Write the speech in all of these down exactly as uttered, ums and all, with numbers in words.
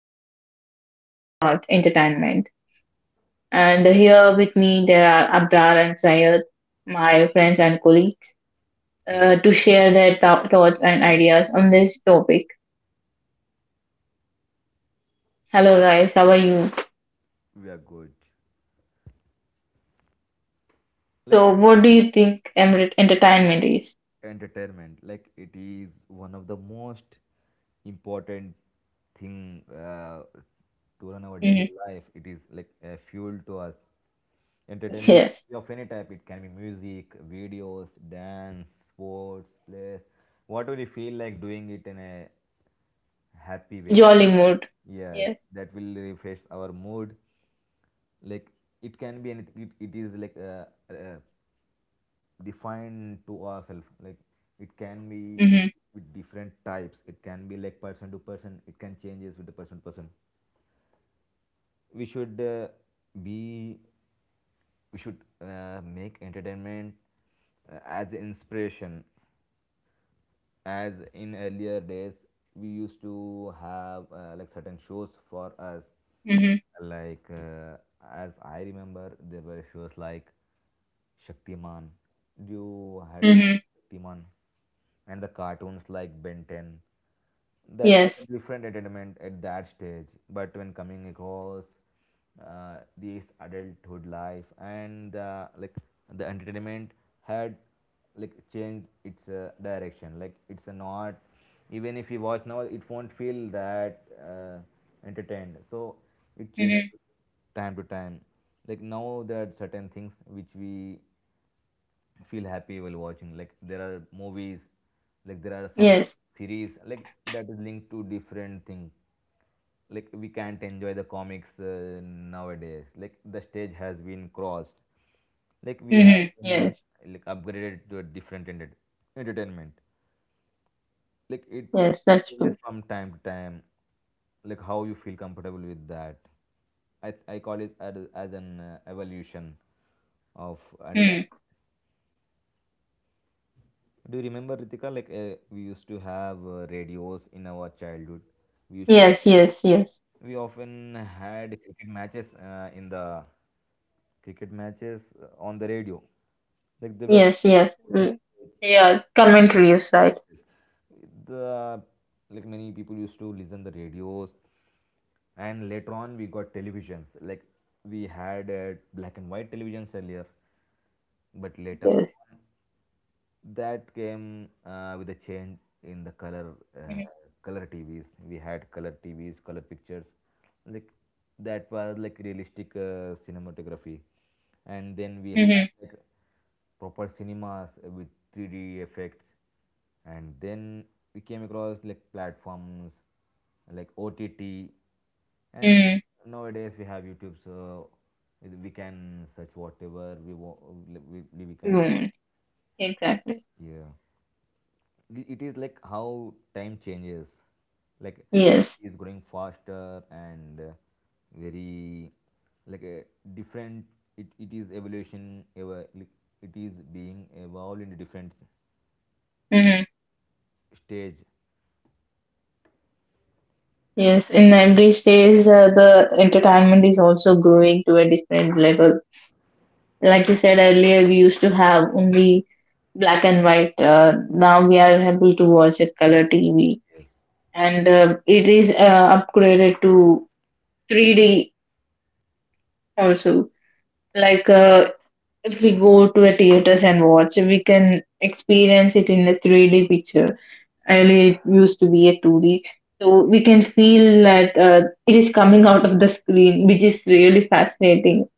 today our topic is about entertainment. And here with me, there are Abrar and Syed, my friends and colleagues, Hello, uh, to share their thou- thoughts and ideas on this topic. Hello, guys. How are you? we are good. Like So, what do you think em- entertainment is? entertainment, like it is one of the most important thing uh, to run our Hmm daily life. It is like a fuel to us. Entertainment can Yes. be of any type. It can be music, videos, dance, sports, play, whatever you feel like doing it in a happy way. Jolly mood. Yes, Yes. that will refresh our mood. Like it can be anything, it, it is like uh, uh, defined to ourselves. Like it can be hmm with different types, it can be like person to person, it can changes with the person to person. We should uh, be we should uh, make entertainment uh, as inspiration. As in earlier days, we used to have uh, like certain shows for us, hmm like uh, as I remember, there were shows like Shaktiman. You had a watch hmm Shaktiman and the cartoons like Ben ten. That was Yes. a different entertainment at that stage. But when coming across uh, this adulthood life and uh, like the entertainment had like changed its uh, direction. Like it's not, even if you watch now, it won't feel that uh, entertained. So it changes hmm time to time. Like now, there are certain things which we feel happy while watching. Like there are movies, like there are some Yes. series, like that is linked to different things. Like we can't enjoy the comics uh, nowadays. Like the stage has been crossed, like we have hmm been Yes. like upgraded to a different enter- entertainment. Like it Yes, that's changes true. from time to time, like how you feel comfortable with that. I i call it as, as an uh, evolution of entertainment. Mm. Do you remember, Ritika? Like uh, we used to have uh, radios in our childhood. We used to Yes, yes, yes. We often had cricket matches uh, in the cricket matches uh, on the radio. Like there were Yes, yes. not Mm. much, Yeah, commentaries, right? the like many people used to listen the radios, and later on we got televisions. Like we had uh, black and white televisions earlier, but later Yes. on that came uh, with a change in the color, uh, Mm-hmm. color T Vs. We had color T Vs, color pictures, like that was like realistic uh, cinematography, and then we Mm-hmm. had like proper cinemas uh, with three D effects, and then we came across like platforms like O T T, and Mm. nowadays we have YouTube, so we can search whatever we want. We, we we can, Mm. Exactly. yeah, it is like how time changes, like Yes. it's growing faster and uh, very like uh, different. It, it is evolution ever, like, it is being evolved in a different Mm-hmm. stage. Yes, in every stage, uh, the entertainment is also growing to a different level. Like you said earlier, we used to have only black and white. Uh, now we are able to watch a color T V, Yes, and uh, it is uh, upgraded to three D also. Like uh, if we go to a theaters and watch, we can experience it in a three D picture. Earlier, it used to be a two D. So we can feel that uh, it is coming out of the screen, which is really fascinating.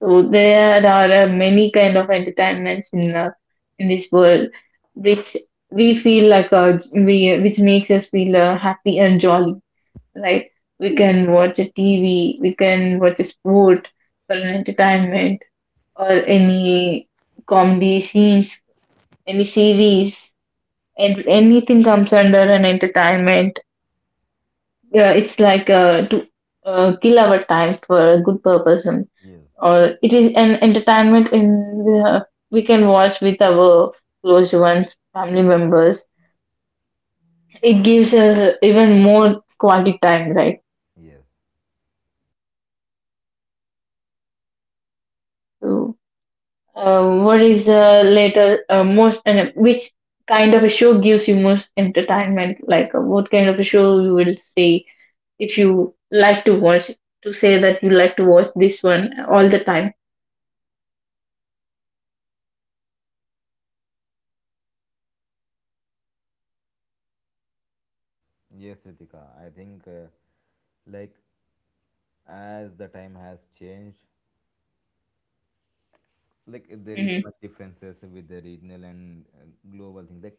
So there are uh, many kind of entertainments in uh, in this world, which we feel like uh, we which makes us feel uh, happy and jolly, right? We can watch a T V, we can watch a sport for an entertainment or any comedy scenes, any series, and anything comes under an entertainment. Yeah, it's like uh, to uh, kill our time for a good purpose, and- yes, or it is an entertainment in uh, we can watch with our close ones, family members. It gives us even more quality time, yes, right? Uh, what is the later uh, most and which kind of a show gives you most entertainment? Like uh, what kind of a show you will say if you like to watch to say that you like to watch this one all the time. yes, Ritika. I think uh, like as the time has changed, like uh, there is Mm-hmm. much differences with the regional and uh, global things. Like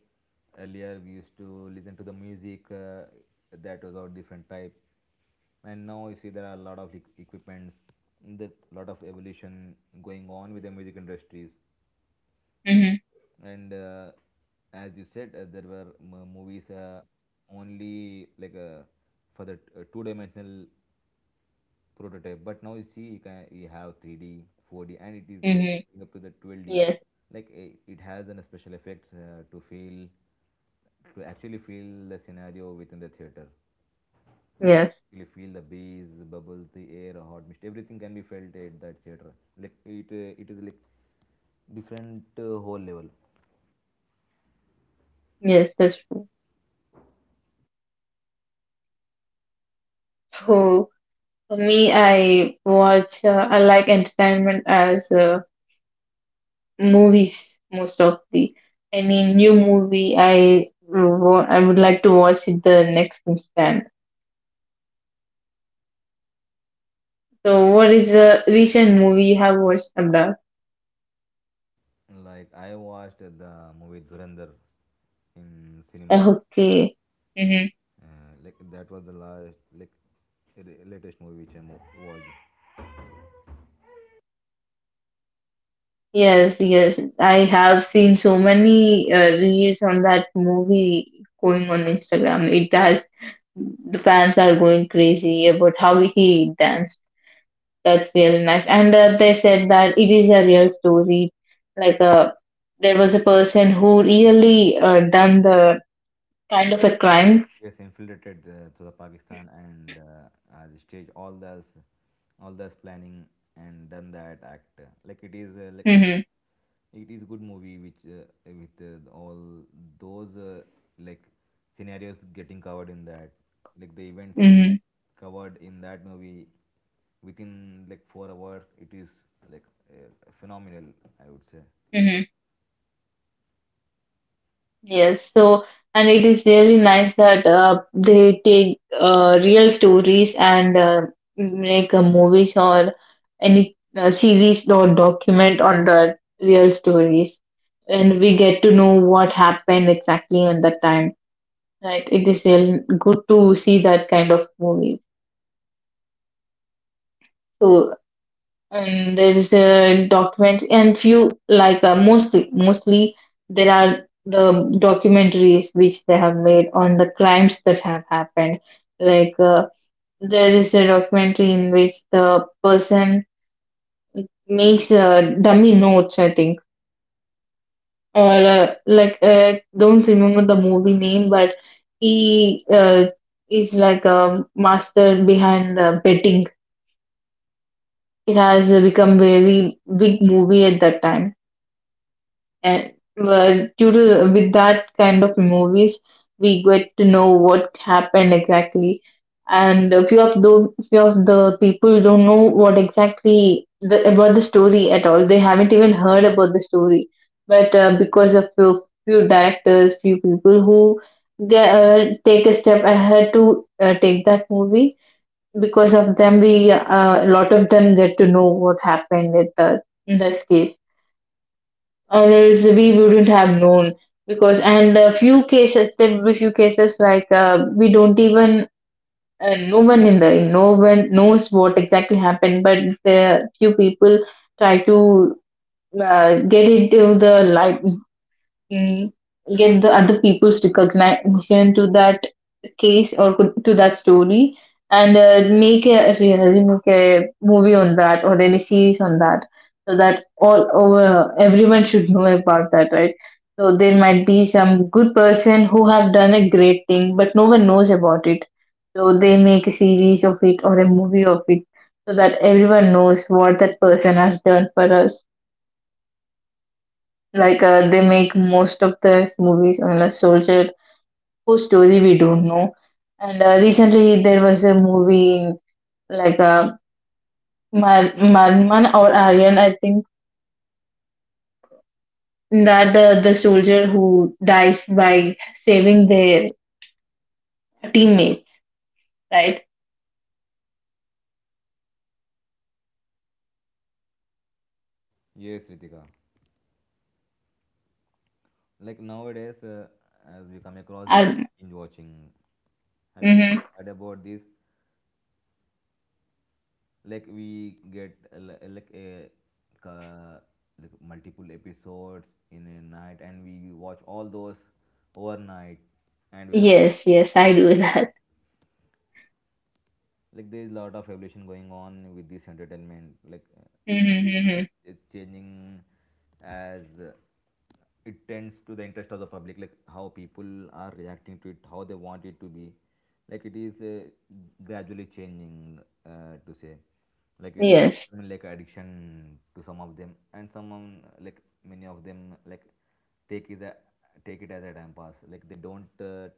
earlier, we used to listen to the music uh, that was of different type, and now you see there are a lot of equ- equipments, that lot of evolution going on with the music industries. Mm-hmm. And uh, as you said, uh, there were m- movies uh, only like uh, for the t- uh, two dimensional prototype. But now you see, you can you have three d four d and it is uh, Mm-hmm. going up to the twelve d. Yes. Like eh, it has an special effects uh, to feel to actually feel the scenario within the theater. Like Yes. you feel the breeze, bubbles, the air, hot mist, everything can be felt at that theater. Like it uh, it is like different, uh, whole level. Yes. That's true. So for me, I watch. Uh, I like entertainment as uh, movies most of the any new movie I wo- I would like to watch it the next instant. So, what is the recent movie you have watched, about? Like I watched the movie Durandar in cinema, Okay. Mm-hmm. uh, like that was the last, like the latest movie which I mo- watched. Yes, yes. I have seen so many uh, reels on that movie going on Instagram. It has the fans are going crazy about how he danced. That's really nice. And uh, they said that it is a real story. Like uh, there was a person who really uh, done the kind of a crime. Yes, infiltrated uh, to the Pakistan and uh, uh, the stage, all those, all those planning and done that act. Like it is uh, like one, Mm-hmm. it is good movie which uh, with uh, all those uh, like scenarios getting covered in that, like the events we Mm-hmm. have covered in that movie within like four hours. It is like uh, phenomenal, I would say. Yes, so and it is really nice that uh, they take uh, real stories and uh, make a movies or any uh, series or document on the real stories, and we get to know what happened exactly on that time. Right, it is really good to see that kind of movies. So and there is a document and few like uh, mostly mostly there are the documentaries which they have made on the crimes that have happened like uh, there is a documentary in which the person makes uh, dummy notes I think or uh, like uh, don't remember the movie name but he uh, is like a master behind the betting. It has uh, become very big movie at that time and uh, due to with that kind of movies we get to know what happened exactly, and a few of the few of the people don't know what exactly the, about the story at all. They haven't even heard about the story but uh, because of few, few directors few people who get, uh, take a step ahead to uh, take that movie because of them we uh, a lot of them get to know what happened at the in this case, or else we wouldn't have known. Because and a few cases there will be few cases like uh, we don't even uh, no one in the no one knows what exactly happened, but the few people try to uh, get into the light, mm, get the other people's recognition to that case or could- to that story and uh, make a really make a movie on that or any series on that so that all over everyone should know about that, right? So there might be some good person who have done a great thing but no one knows about it, so they make a series of it or a movie of it so that everyone knows what that person has done for us. Like uh, they make most of their movies on a soldier whose story we don't know. And uh, recently there was a movie like uh, Mad- Madman or Aryan, I think, that uh, the soldier who dies by saving their teammate, right? Yes, Ritika. Like nowadays, uh, as we come across this Um, binge watching. Have you hmm heard about this? Like we get uh, li- uh, like a ca- like multiple episodes in a night, and we watch all those overnight, and we come. yes, yes, I do that. Like there is a lot of evolution going on with this entertainment. Like uh, Mm-hmm, mm-hmm. it's changing as uh, it tends to the interest of the public, like how people are reacting to it, how they want it to be. Like it is uh, gradually changing, uh, to say. Like it is Yes, becoming like addiction to some of them, and some, um, like many of them, like take is a take it as a time pass. Like they don't uh,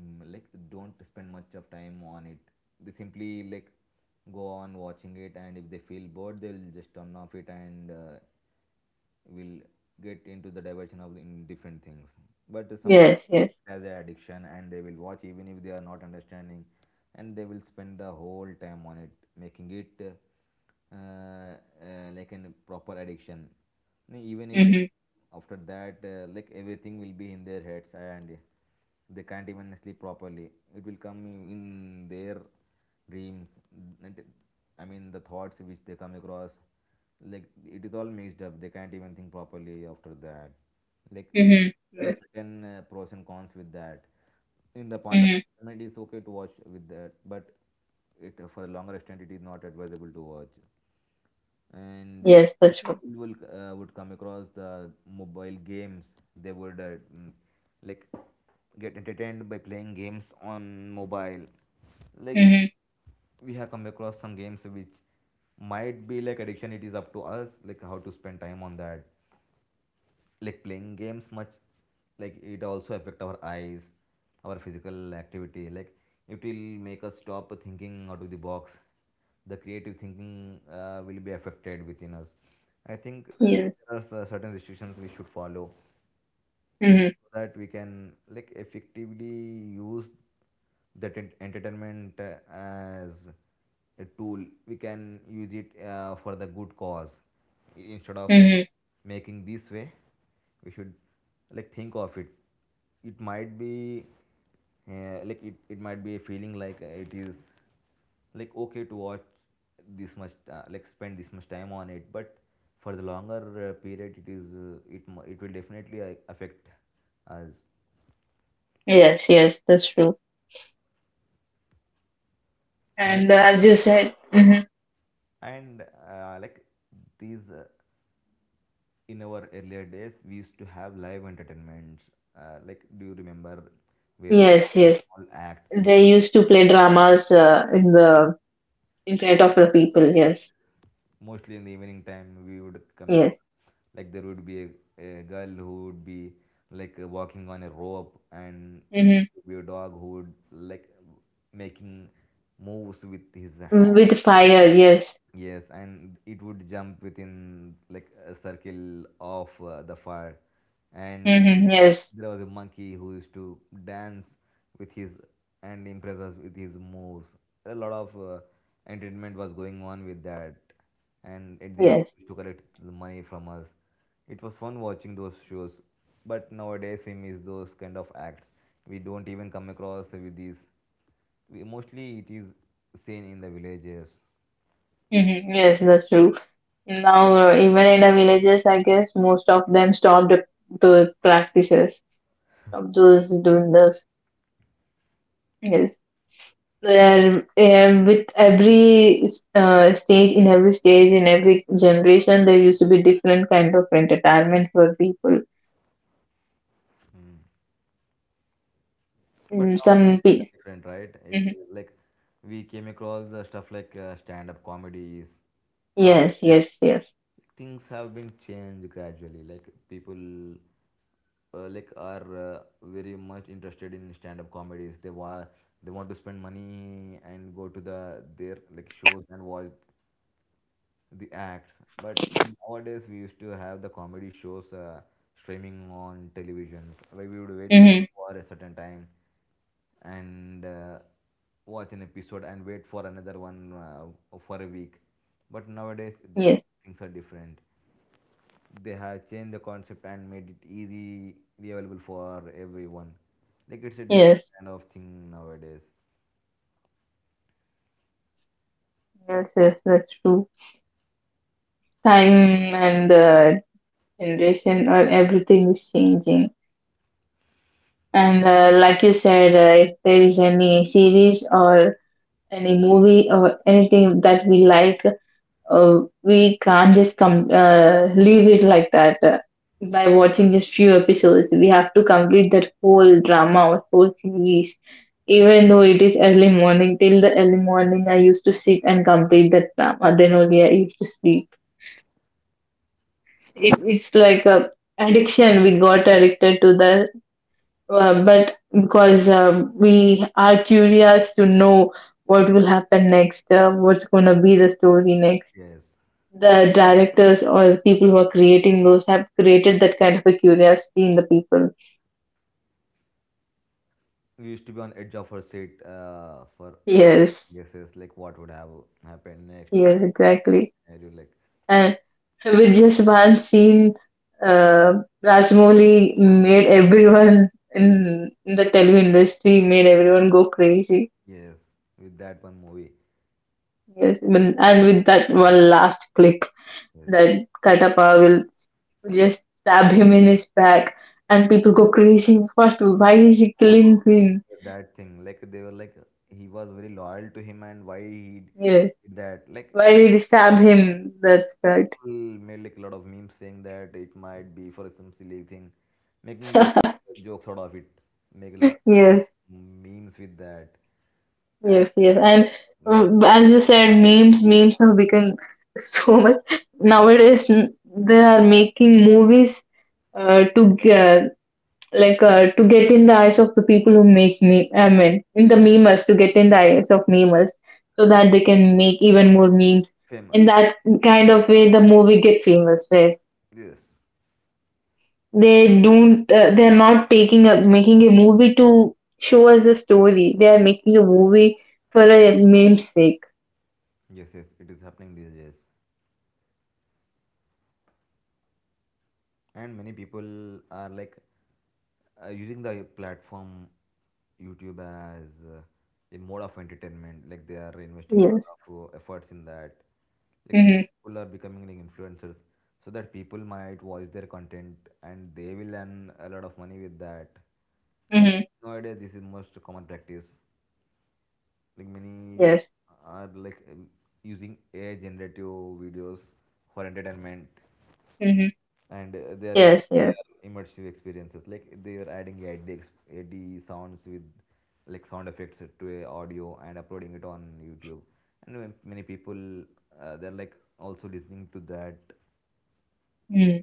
mm, like don't spend much of time on it. They simply like go on watching it, and if they feel bored, they'll just turn off it, and uh, will get into the diversion of in different things. But some yes, yes. has an addiction and they will watch even if they are not understanding, and they will spend the whole time on it, making it uh, uh, like a proper addiction. Even if they- Mm-hmm, after that, uh, like everything will be in their heads, and they can't even sleep properly. It will come in their dreams. And I mean the thoughts which they come across, like it is all mixed up, they can't even think properly after that. Like mm-hmm, there are yes, certain uh, pros and cons with that. In the point of mm-hmm. entertainment, it's okay to watch with that, but it for a longer extent, it is not advisable to watch. And uh, Yes, that's true. people will uh, would come across the mobile games. They would uh, mm, like get entertained by playing games on mobile. Like Mm-hmm. we have come across some games which might be like addiction. It is up to us like how to spend time on that. Like playing games much, like it also affect our eyes, our physical activity. Like it will make us stop thinking out of the box. The creative thinking uh, will be affected within us. I think uh, Yes. there are certain restrictions we should follow Mm-hmm. so that we can like effectively use that ent- entertainment uh, as a tool. We can use it uh, for the good cause. I- instead of Mm-hmm. making this way, we should like think of it. It might be uh, like, it, it might be a feeling. Like uh, it is like okay to watch this much, uh, like spend this much time on it. But for the longer uh, period, it is uh, it mu- it will definitely uh, affect us. Yes, yes, that's true. and, And uh, as you said, mhm, and uh, like these, uh, in our earlier days we used to have live entertainments, uh, like do you remember, where we yes, have yes, small acts they used to play dramas uh, in the in front of the people. Yes, mostly in the evening time we would come. yes, Like there would be a, a girl who would be like uh, walking on a rope, and there hmm would be a dog who would like making moves with his hand. with fire. Yes, Yes, and it would jump within like a circle of uh, the fire. And hmm yes, there was a monkey who used to dance with his and impress us with his moves. A lot of uh, entertainment was going on with that. And at the end, yes, he used to collect the money from us. It was fun watching those shows. But nowadays, we miss those kind of acts. We don't even come across with these. We, mostly, it is seen in the villages. hmm yes. That's true. Now, uh, even in the villages, I guess most of them stopped those practices, stopped those doing those. Yes. There and with every uh, stage, in every stage, in every generation, there used to be different kind of entertainment for people. Hmm. But Mm, some nowadays pe it is different, right? It Mhm. is like we came across the stuff like uh, stand-up comedies, concerts. Yes, Like, yes, yes. things have been changed gradually. Like people uh, like are uh, very much interested in stand-up comedies. They wa they want to spend money and go to the their like shows and watch the acts. But nowadays we used to have the comedy shows uh, streaming on televisions. Like we would wait Mm-hmm. for a certain time and uh, watch an episode and wait for another one uh, for a week. But nowadays Yes, things are different. They have changed the concept and made it easy available for everyone. Like it's a yes, different kind of thing nowadays. yes, yes, that's true. Time and the generation or everything is changing. And uh, like you said, uh, if there is any series or any movie or anything that we like, uh, we can't just come uh, leave it like that uh, by watching just few episodes. We have to complete that whole drama or whole series, even though it is early morning. Till the early morning, I used to sit and complete that drama. Then only I used to sleep. It, it's like a addiction. We got addicted to that, uh, but because um we are curious to know what will happen next, uh, what's gonna be the story next. Yes, The directors or the people who are creating those have created that kind of a curiosity in the people. we used to be on edge of our seat uh, for uh, Yes, guesses like what would have happened next. yes, exactly. And you like And with just one scene, uh, Rajmouli made everyone in, in the Telugu industry made everyone go crazy. yes with that one movie. Yes, when- and with that one last clip, Yes, that Katappa will just stab him in his back, and people go crazy. What? Why is he no one was killing him? expecting that thing. Like they were like he was very loyal to him and why he Yes. did that. Like Why did you stab him? That's that. people made like a lot of memes saying that it might be for some silly thing, making just jokes out of it, make a lot of Yes, memes with that, and yes, yes. that And many um, as you said, memes, memes have become so much. Nowadays, n- they are making movies uh, to get like uh, to get in the eyes of the people who make meme. I mean, in the memers to get in the eyes of memers, so that they can make even more memes. In famous. that kind of way, the movie get famous. Right? Yes, They don't. Uh, they're not taking a making a movie to show us a story. They are making a movie for a meme's sake. yes, yes, it is happening these days, and many people are like uh, using the platform YouTube as uh, a mode of entertainment. Like they are investing a lot Yes. of uh, efforts in that. Like Mm-hmm. people are becoming like influencers so that people might watch their content and they will earn a lot of money with that. Like Mm-hmm. nowadays this is most common practice. Like many Yes. are like um, using AI generative videos for entertainment Mm-hmm. and uh, they are using Yes. Yes. VR immersive experiences. Like they are adding ad, ad sounds with like sound effects to a audio and uploading it on YouTube, and when many people uh, they're like also listening to that. Mm.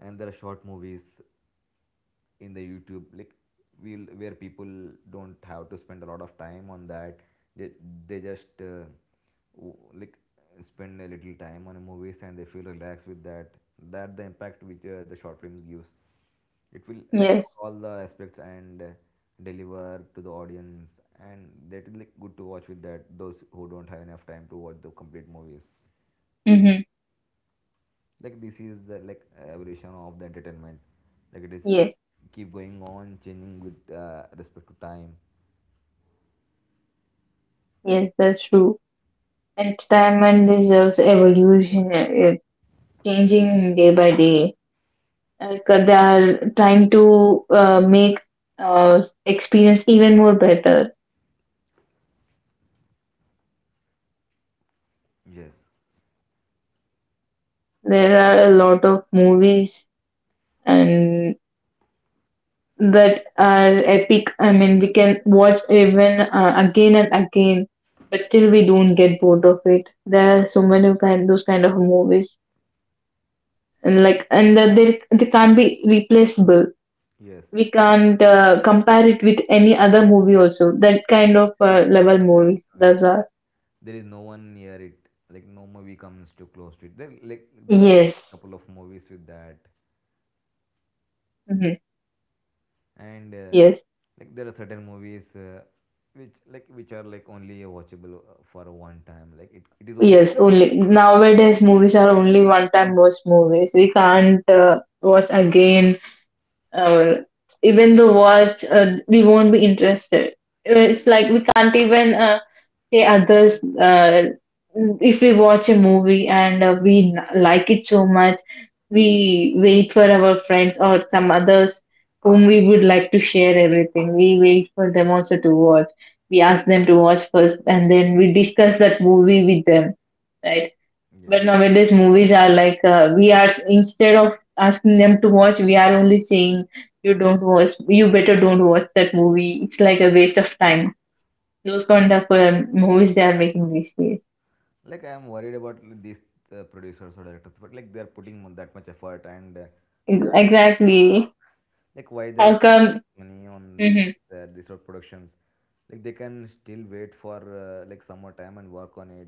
And there are short movies in the YouTube like we'll, where people don't have to spend a lot of time on that. They they just uh, like spend a little time on a movies and they feel relaxed with that. That the impact which uh, the short films gives. It will like Yes. all the aspects and uh, deliver to the audience, and that is like good to watch with that, those who don't have enough time to watch the complete movies. Mm-hmm. Like this is the like evolution of the entertainment, like it is uh, Yeah. keep going on changing with uh, respect to time. Yes. That's true. Entertainment deserves evolution, uh, uh, changing day by day. Like uh, they are trying to uh, make uh, experience even more better. Yes, There are a lot of movies and that are epic. I mean, we can watch even uh, again and again, but still we don't get bored of it. There are so many kind those kind of movies, and like and that they they can't be replaceable. yes, We can't uh, compare it with any other movie. Also, that kind of the uh, level movies. way Those are there is no one near it, like no movie comes too close to it there. Like there are yes, a couple of movies with that hmm and uh, yes. like there are certain movies uh, which like which are like only watchable uh, for one time, like it, it is okay. Yes, only nowadays movies are only one time watch movies. We can't uh, watch again. Or even the watch uh, we won't be interested. Uh, it's like we can't even uh, say others uh, if we watch a movie and uh, we n- like it so much, we wait for our friends or some others whom we would like to share everything. We wait for them also to watch. We ask them to watch first and then we discuss that movie with them, right? But Yes. nowadays, movies are like uh, we are instead of asking them to watch, we are only saying you don't watch, you better don't watch that movie. It's like a waste of time. Those kind of um, movies they are making these days. Like I'm worried about these uh, producers or directors, but like they're putting that much effort and uh, they Ex- are Exactly. like why they're How come? wasting money on Hmm their, these sort of productions. Like they can still wait for uh, like some more time and work on it.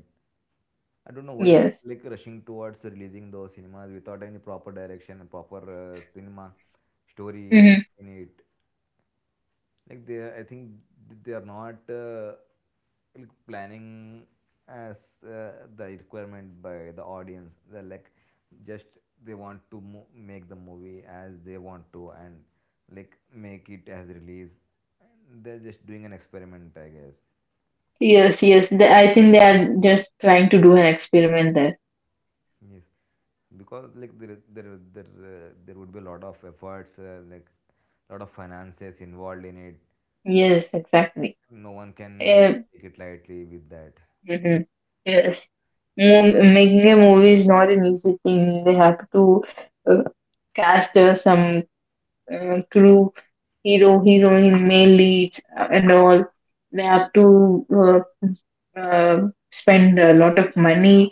I don't know why Yes. they're like rushing towards releasing those cinemas without any proper direction and proper uh, cinema story hmm in it. Like they are, I think they are not uh, like planning as uh, the requirement by the audience. They're like just they want to mo- make the movie as they want to and like make it as release. And they're just doing an experiment, I guess. Yes. Yes. They, I think they are just trying to do an experiment there. Yes, because like there there there, uh, there would be a lot of efforts uh, like a lot of finances involved in it. Yes. Exactly. No one can Uh, take it lightly with that. mhm. Yes. Mo- making a movie is not an easy thing. They have to uh, cast uh, some uh, crew, hero, heroine, male leads, uh, and all. They have to uh, uh, spend a lot of money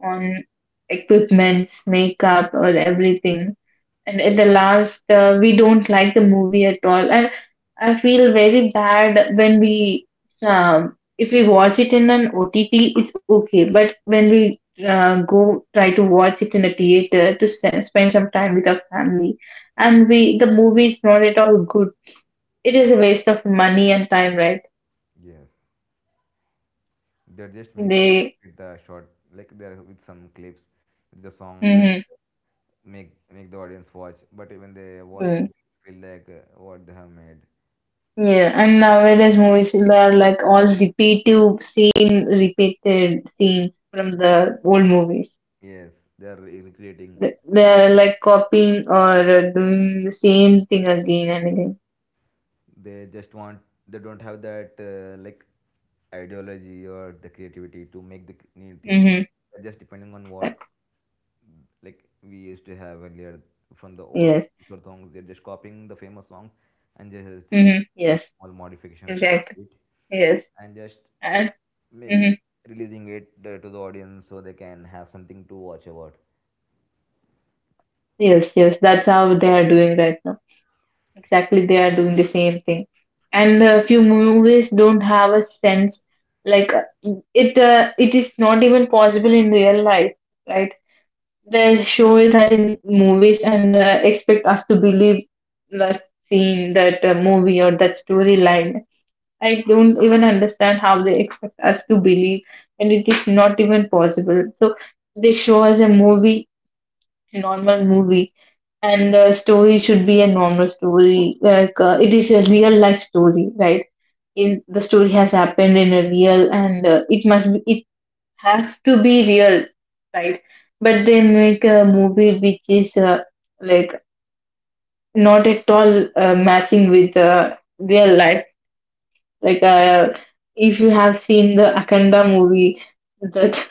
on equipments, makeup, or everything, and at the last uh, we don't like the movie at all, and I feel very bad when we um, if we watch it in an OTT it's okay, but when we uh, go try to watch it in a theater to s- spend some time with our family and we the movie is not at all good, it is a waste of money and time, right? Yes. They're just making They. with the short, like they're with some clips, with the songs and Hmm. make make the audience watch. But even they watch, Mm. they feel like uh, what they have made. Yeah. And nowadays movies, they are like all repetitive, same repeated scenes from the old movies. Yes, they're re- recreating. Th- They are like copying or uh, doing the same thing again and again. They just want. They don't have that uh, like ideology or the creativity to make the c- new things. Mm-hmm. They're just depending on what like we used to have earlier from the old Yes. popular songs. They're just copying the famous songs and just, just Mm-hmm. making Yes. small modifications Exactly. into it Yes. and just And make mm-hmm. releasing it uh, to the audience so they can have something to watch about. Yes, yes. That's how they are doing right now. Exactly, they are doing the same thing. And a few movies don't have a sense. Like uh, it, uh, it is not even possible in real life, right? They show it that in movies and uh, expect us to believe that scene, that uh, movie, or that storyline. I don't even understand how they expect us to believe, and it is not even possible. So they show us a movie, a normal movie, and the story should be a normal story. Like uh, it is a real life story, right? In the story has happened in a real, and uh, it must be, it have to be real, right? But they make a movie which is uh, like not at all uh, matching with uh, real life. Like, uh, if you have seen the Akanda movie, that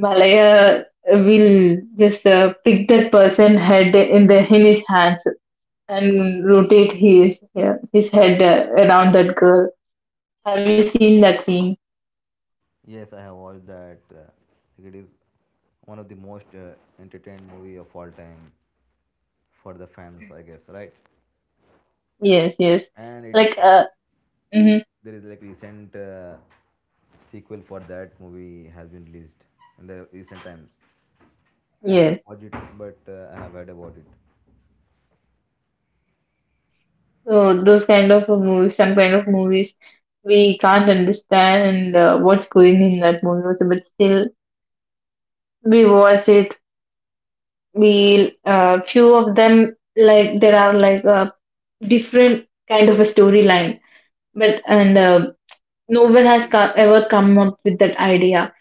Balaya will just uh, pick that person head in the in his hands and rotate his, yeah, his head uh, around that girl. Have you seen that scene? Yes, I have watched that. Uh, it is one of the most uh, entertained movie of all time for the fans, I guess, right? Yes, yes. And it is Like, uh, mhm, there is like recent uh, sequel for that movie has been released in the recent times. I have yes. watched it, but uh, I have heard about it. So those kind of movies, some kind of movies, we can't understand uh, what's going in that movie, also, but still we watch it. We, uh, few of them, like there are like a different kind of a storyline, but and uh, no one has co- ever come up with that idea,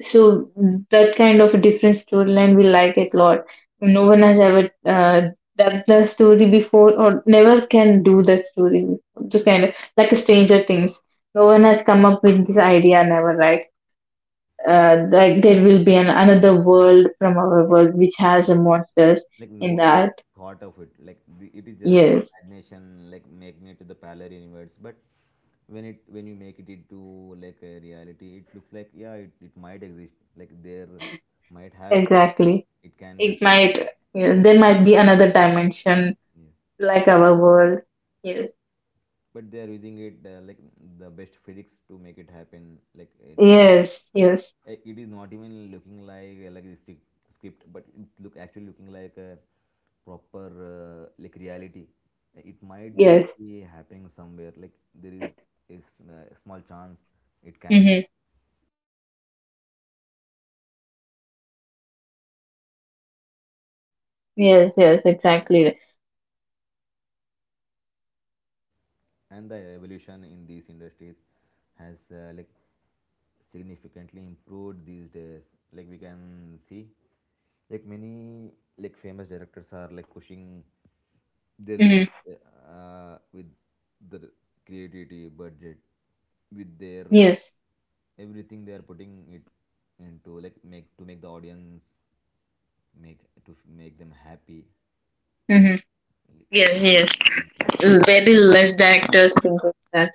so that kind of a different storyline we like it a lot. No one has ever uh, done the story before or never can do the story before. Just kind of like a Stranger Things, no one has come up with this idea, never, right? Uh, like there will be an another world from our world which has a monsters Like no in one that. thought of it, like the, it is just Yes, imagination, like making it to the parallel universe, but when it when you make it into like a reality, it looks like yeah, it, it might exist. Like there might have a chance that exactly. it can It be, might, yes, there might be another dimension yeah. like our world. Yes, But they are using it uh, like the best physics to make it happen like uh, yes, yes, Uh, It is not even looking like uh, like a script, but it look actually looking like a proper uh, like reality. Uh, It might yes. be happening somewhere. Like there is is uh, a small chance it can, Mm-hmm. Yes, yes, exactly. and the evolution in these industries has uh, like significantly improved these days. Like we can see, like many like famous directors are like pushing their Mm-hmm. limits uh, with the creativity, budget, with their Yes, everything they are putting it into like make to make the audience make to f- make them happy. mm-hmm. Yes, yes. Very less directors think of that.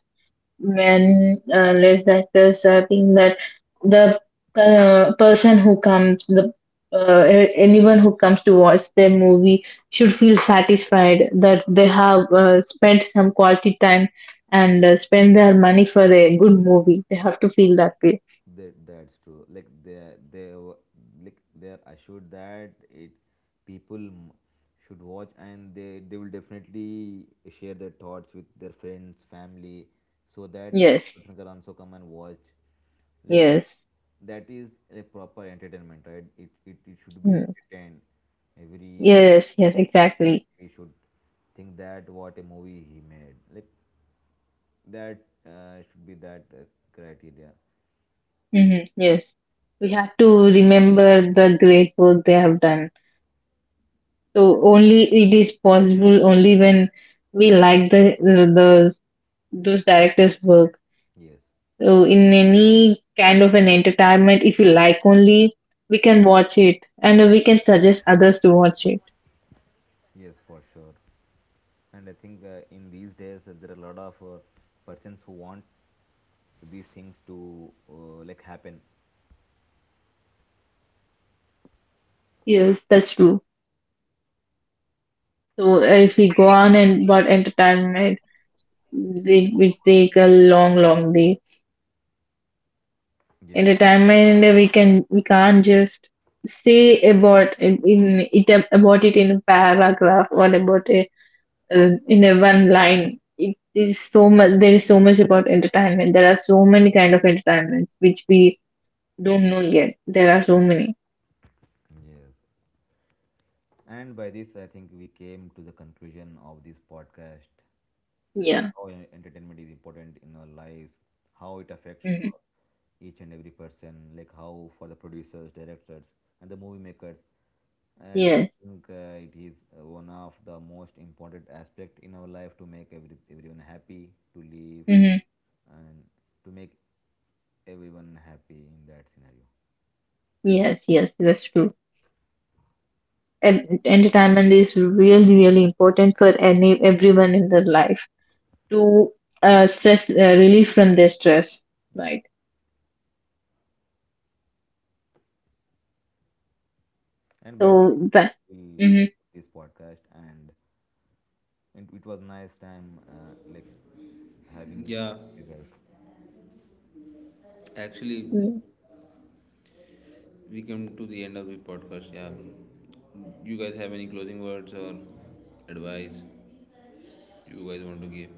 When uh, less actors, I think that the uh, person who comes, the uh, a- anyone who comes to watch their movie should feel satisfied that they have uh, spent some quality time and uh, spend their money for a good movie. They have to feel that way. That that's true. Like they they w- like they are assured that it people m- should watch and they they will definitely share their thoughts with their friends, family, so that Yes, other can also come and watch. Like yes. that is like proper entertainment, right? It it, it should be Mm. entertained. Every Yes, we yes, exactly. we should think that what a movie he made. Like that uh, should be that uh, criteria. Hmm. Yes, we have to remember the great work they have done. So only it is possible only when we like the the those directors' work. Yes, So in any kind of an entertainment, if we like only, we can watch it and we can suggest others to watch it. yes, for sure. And I think uh, in these days uh, there are a lot of uh, persons who want these things to uh, like happen. Yes, that's true. So uh, if we go on and about entertainment, it will take a long, long day. Yes, Entertainment, uh, we can, we can't just say about in, in it, about it in a paragraph or about a uh, in a one line. It is so much, there is so much about entertainment. There are so many kind of entertainments which we don't know yet. There are so many. yes, and by this I think we came to the conclusion of this podcast, like Yeah. how en- entertainment is important in our lives, how it affects to Hmm. each and every person, like how for the producers directors and the movie makers. And I Yes. think uh, it is uh, one of the most important aspect in our life to make every, everyone happy to live Hmm. and to make everyone happy in that scenario. Yes, yes, that's true. And entertainment is really really important for any everyone in their life to uh, stress uh, relief from their stress, Yeah. right? And by that So that. we conclude Hmm. this podcast, and it, it was nice time uh, like having with Yeah, you guys. actually, we come to the end of the podcast. Yeah, you guys have any closing words or advice you guys want to give?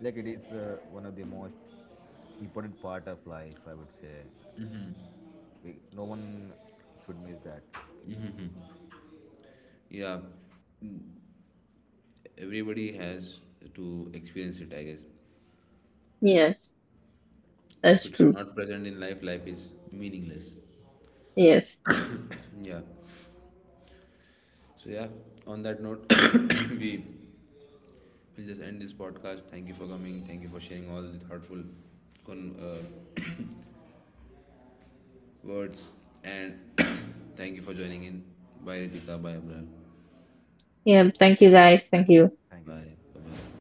Like it is uh, one of the most important part of life, I would say. We, no one should miss that. Yeah, everybody has to experience it, I guess. Yes, If that's it's true. not present in life, life is meaningless. Yes. Yeah, so yeah, on that note, we will just end this podcast. Thank you for coming, thank you for sharing all the thoughtful con- uh, words, and thank you for joining in. Bye, Ritika. Bye, Abraham. Yeah, thank you guys, thank you. Thank you guys. Bye. Bye. Bye-bye.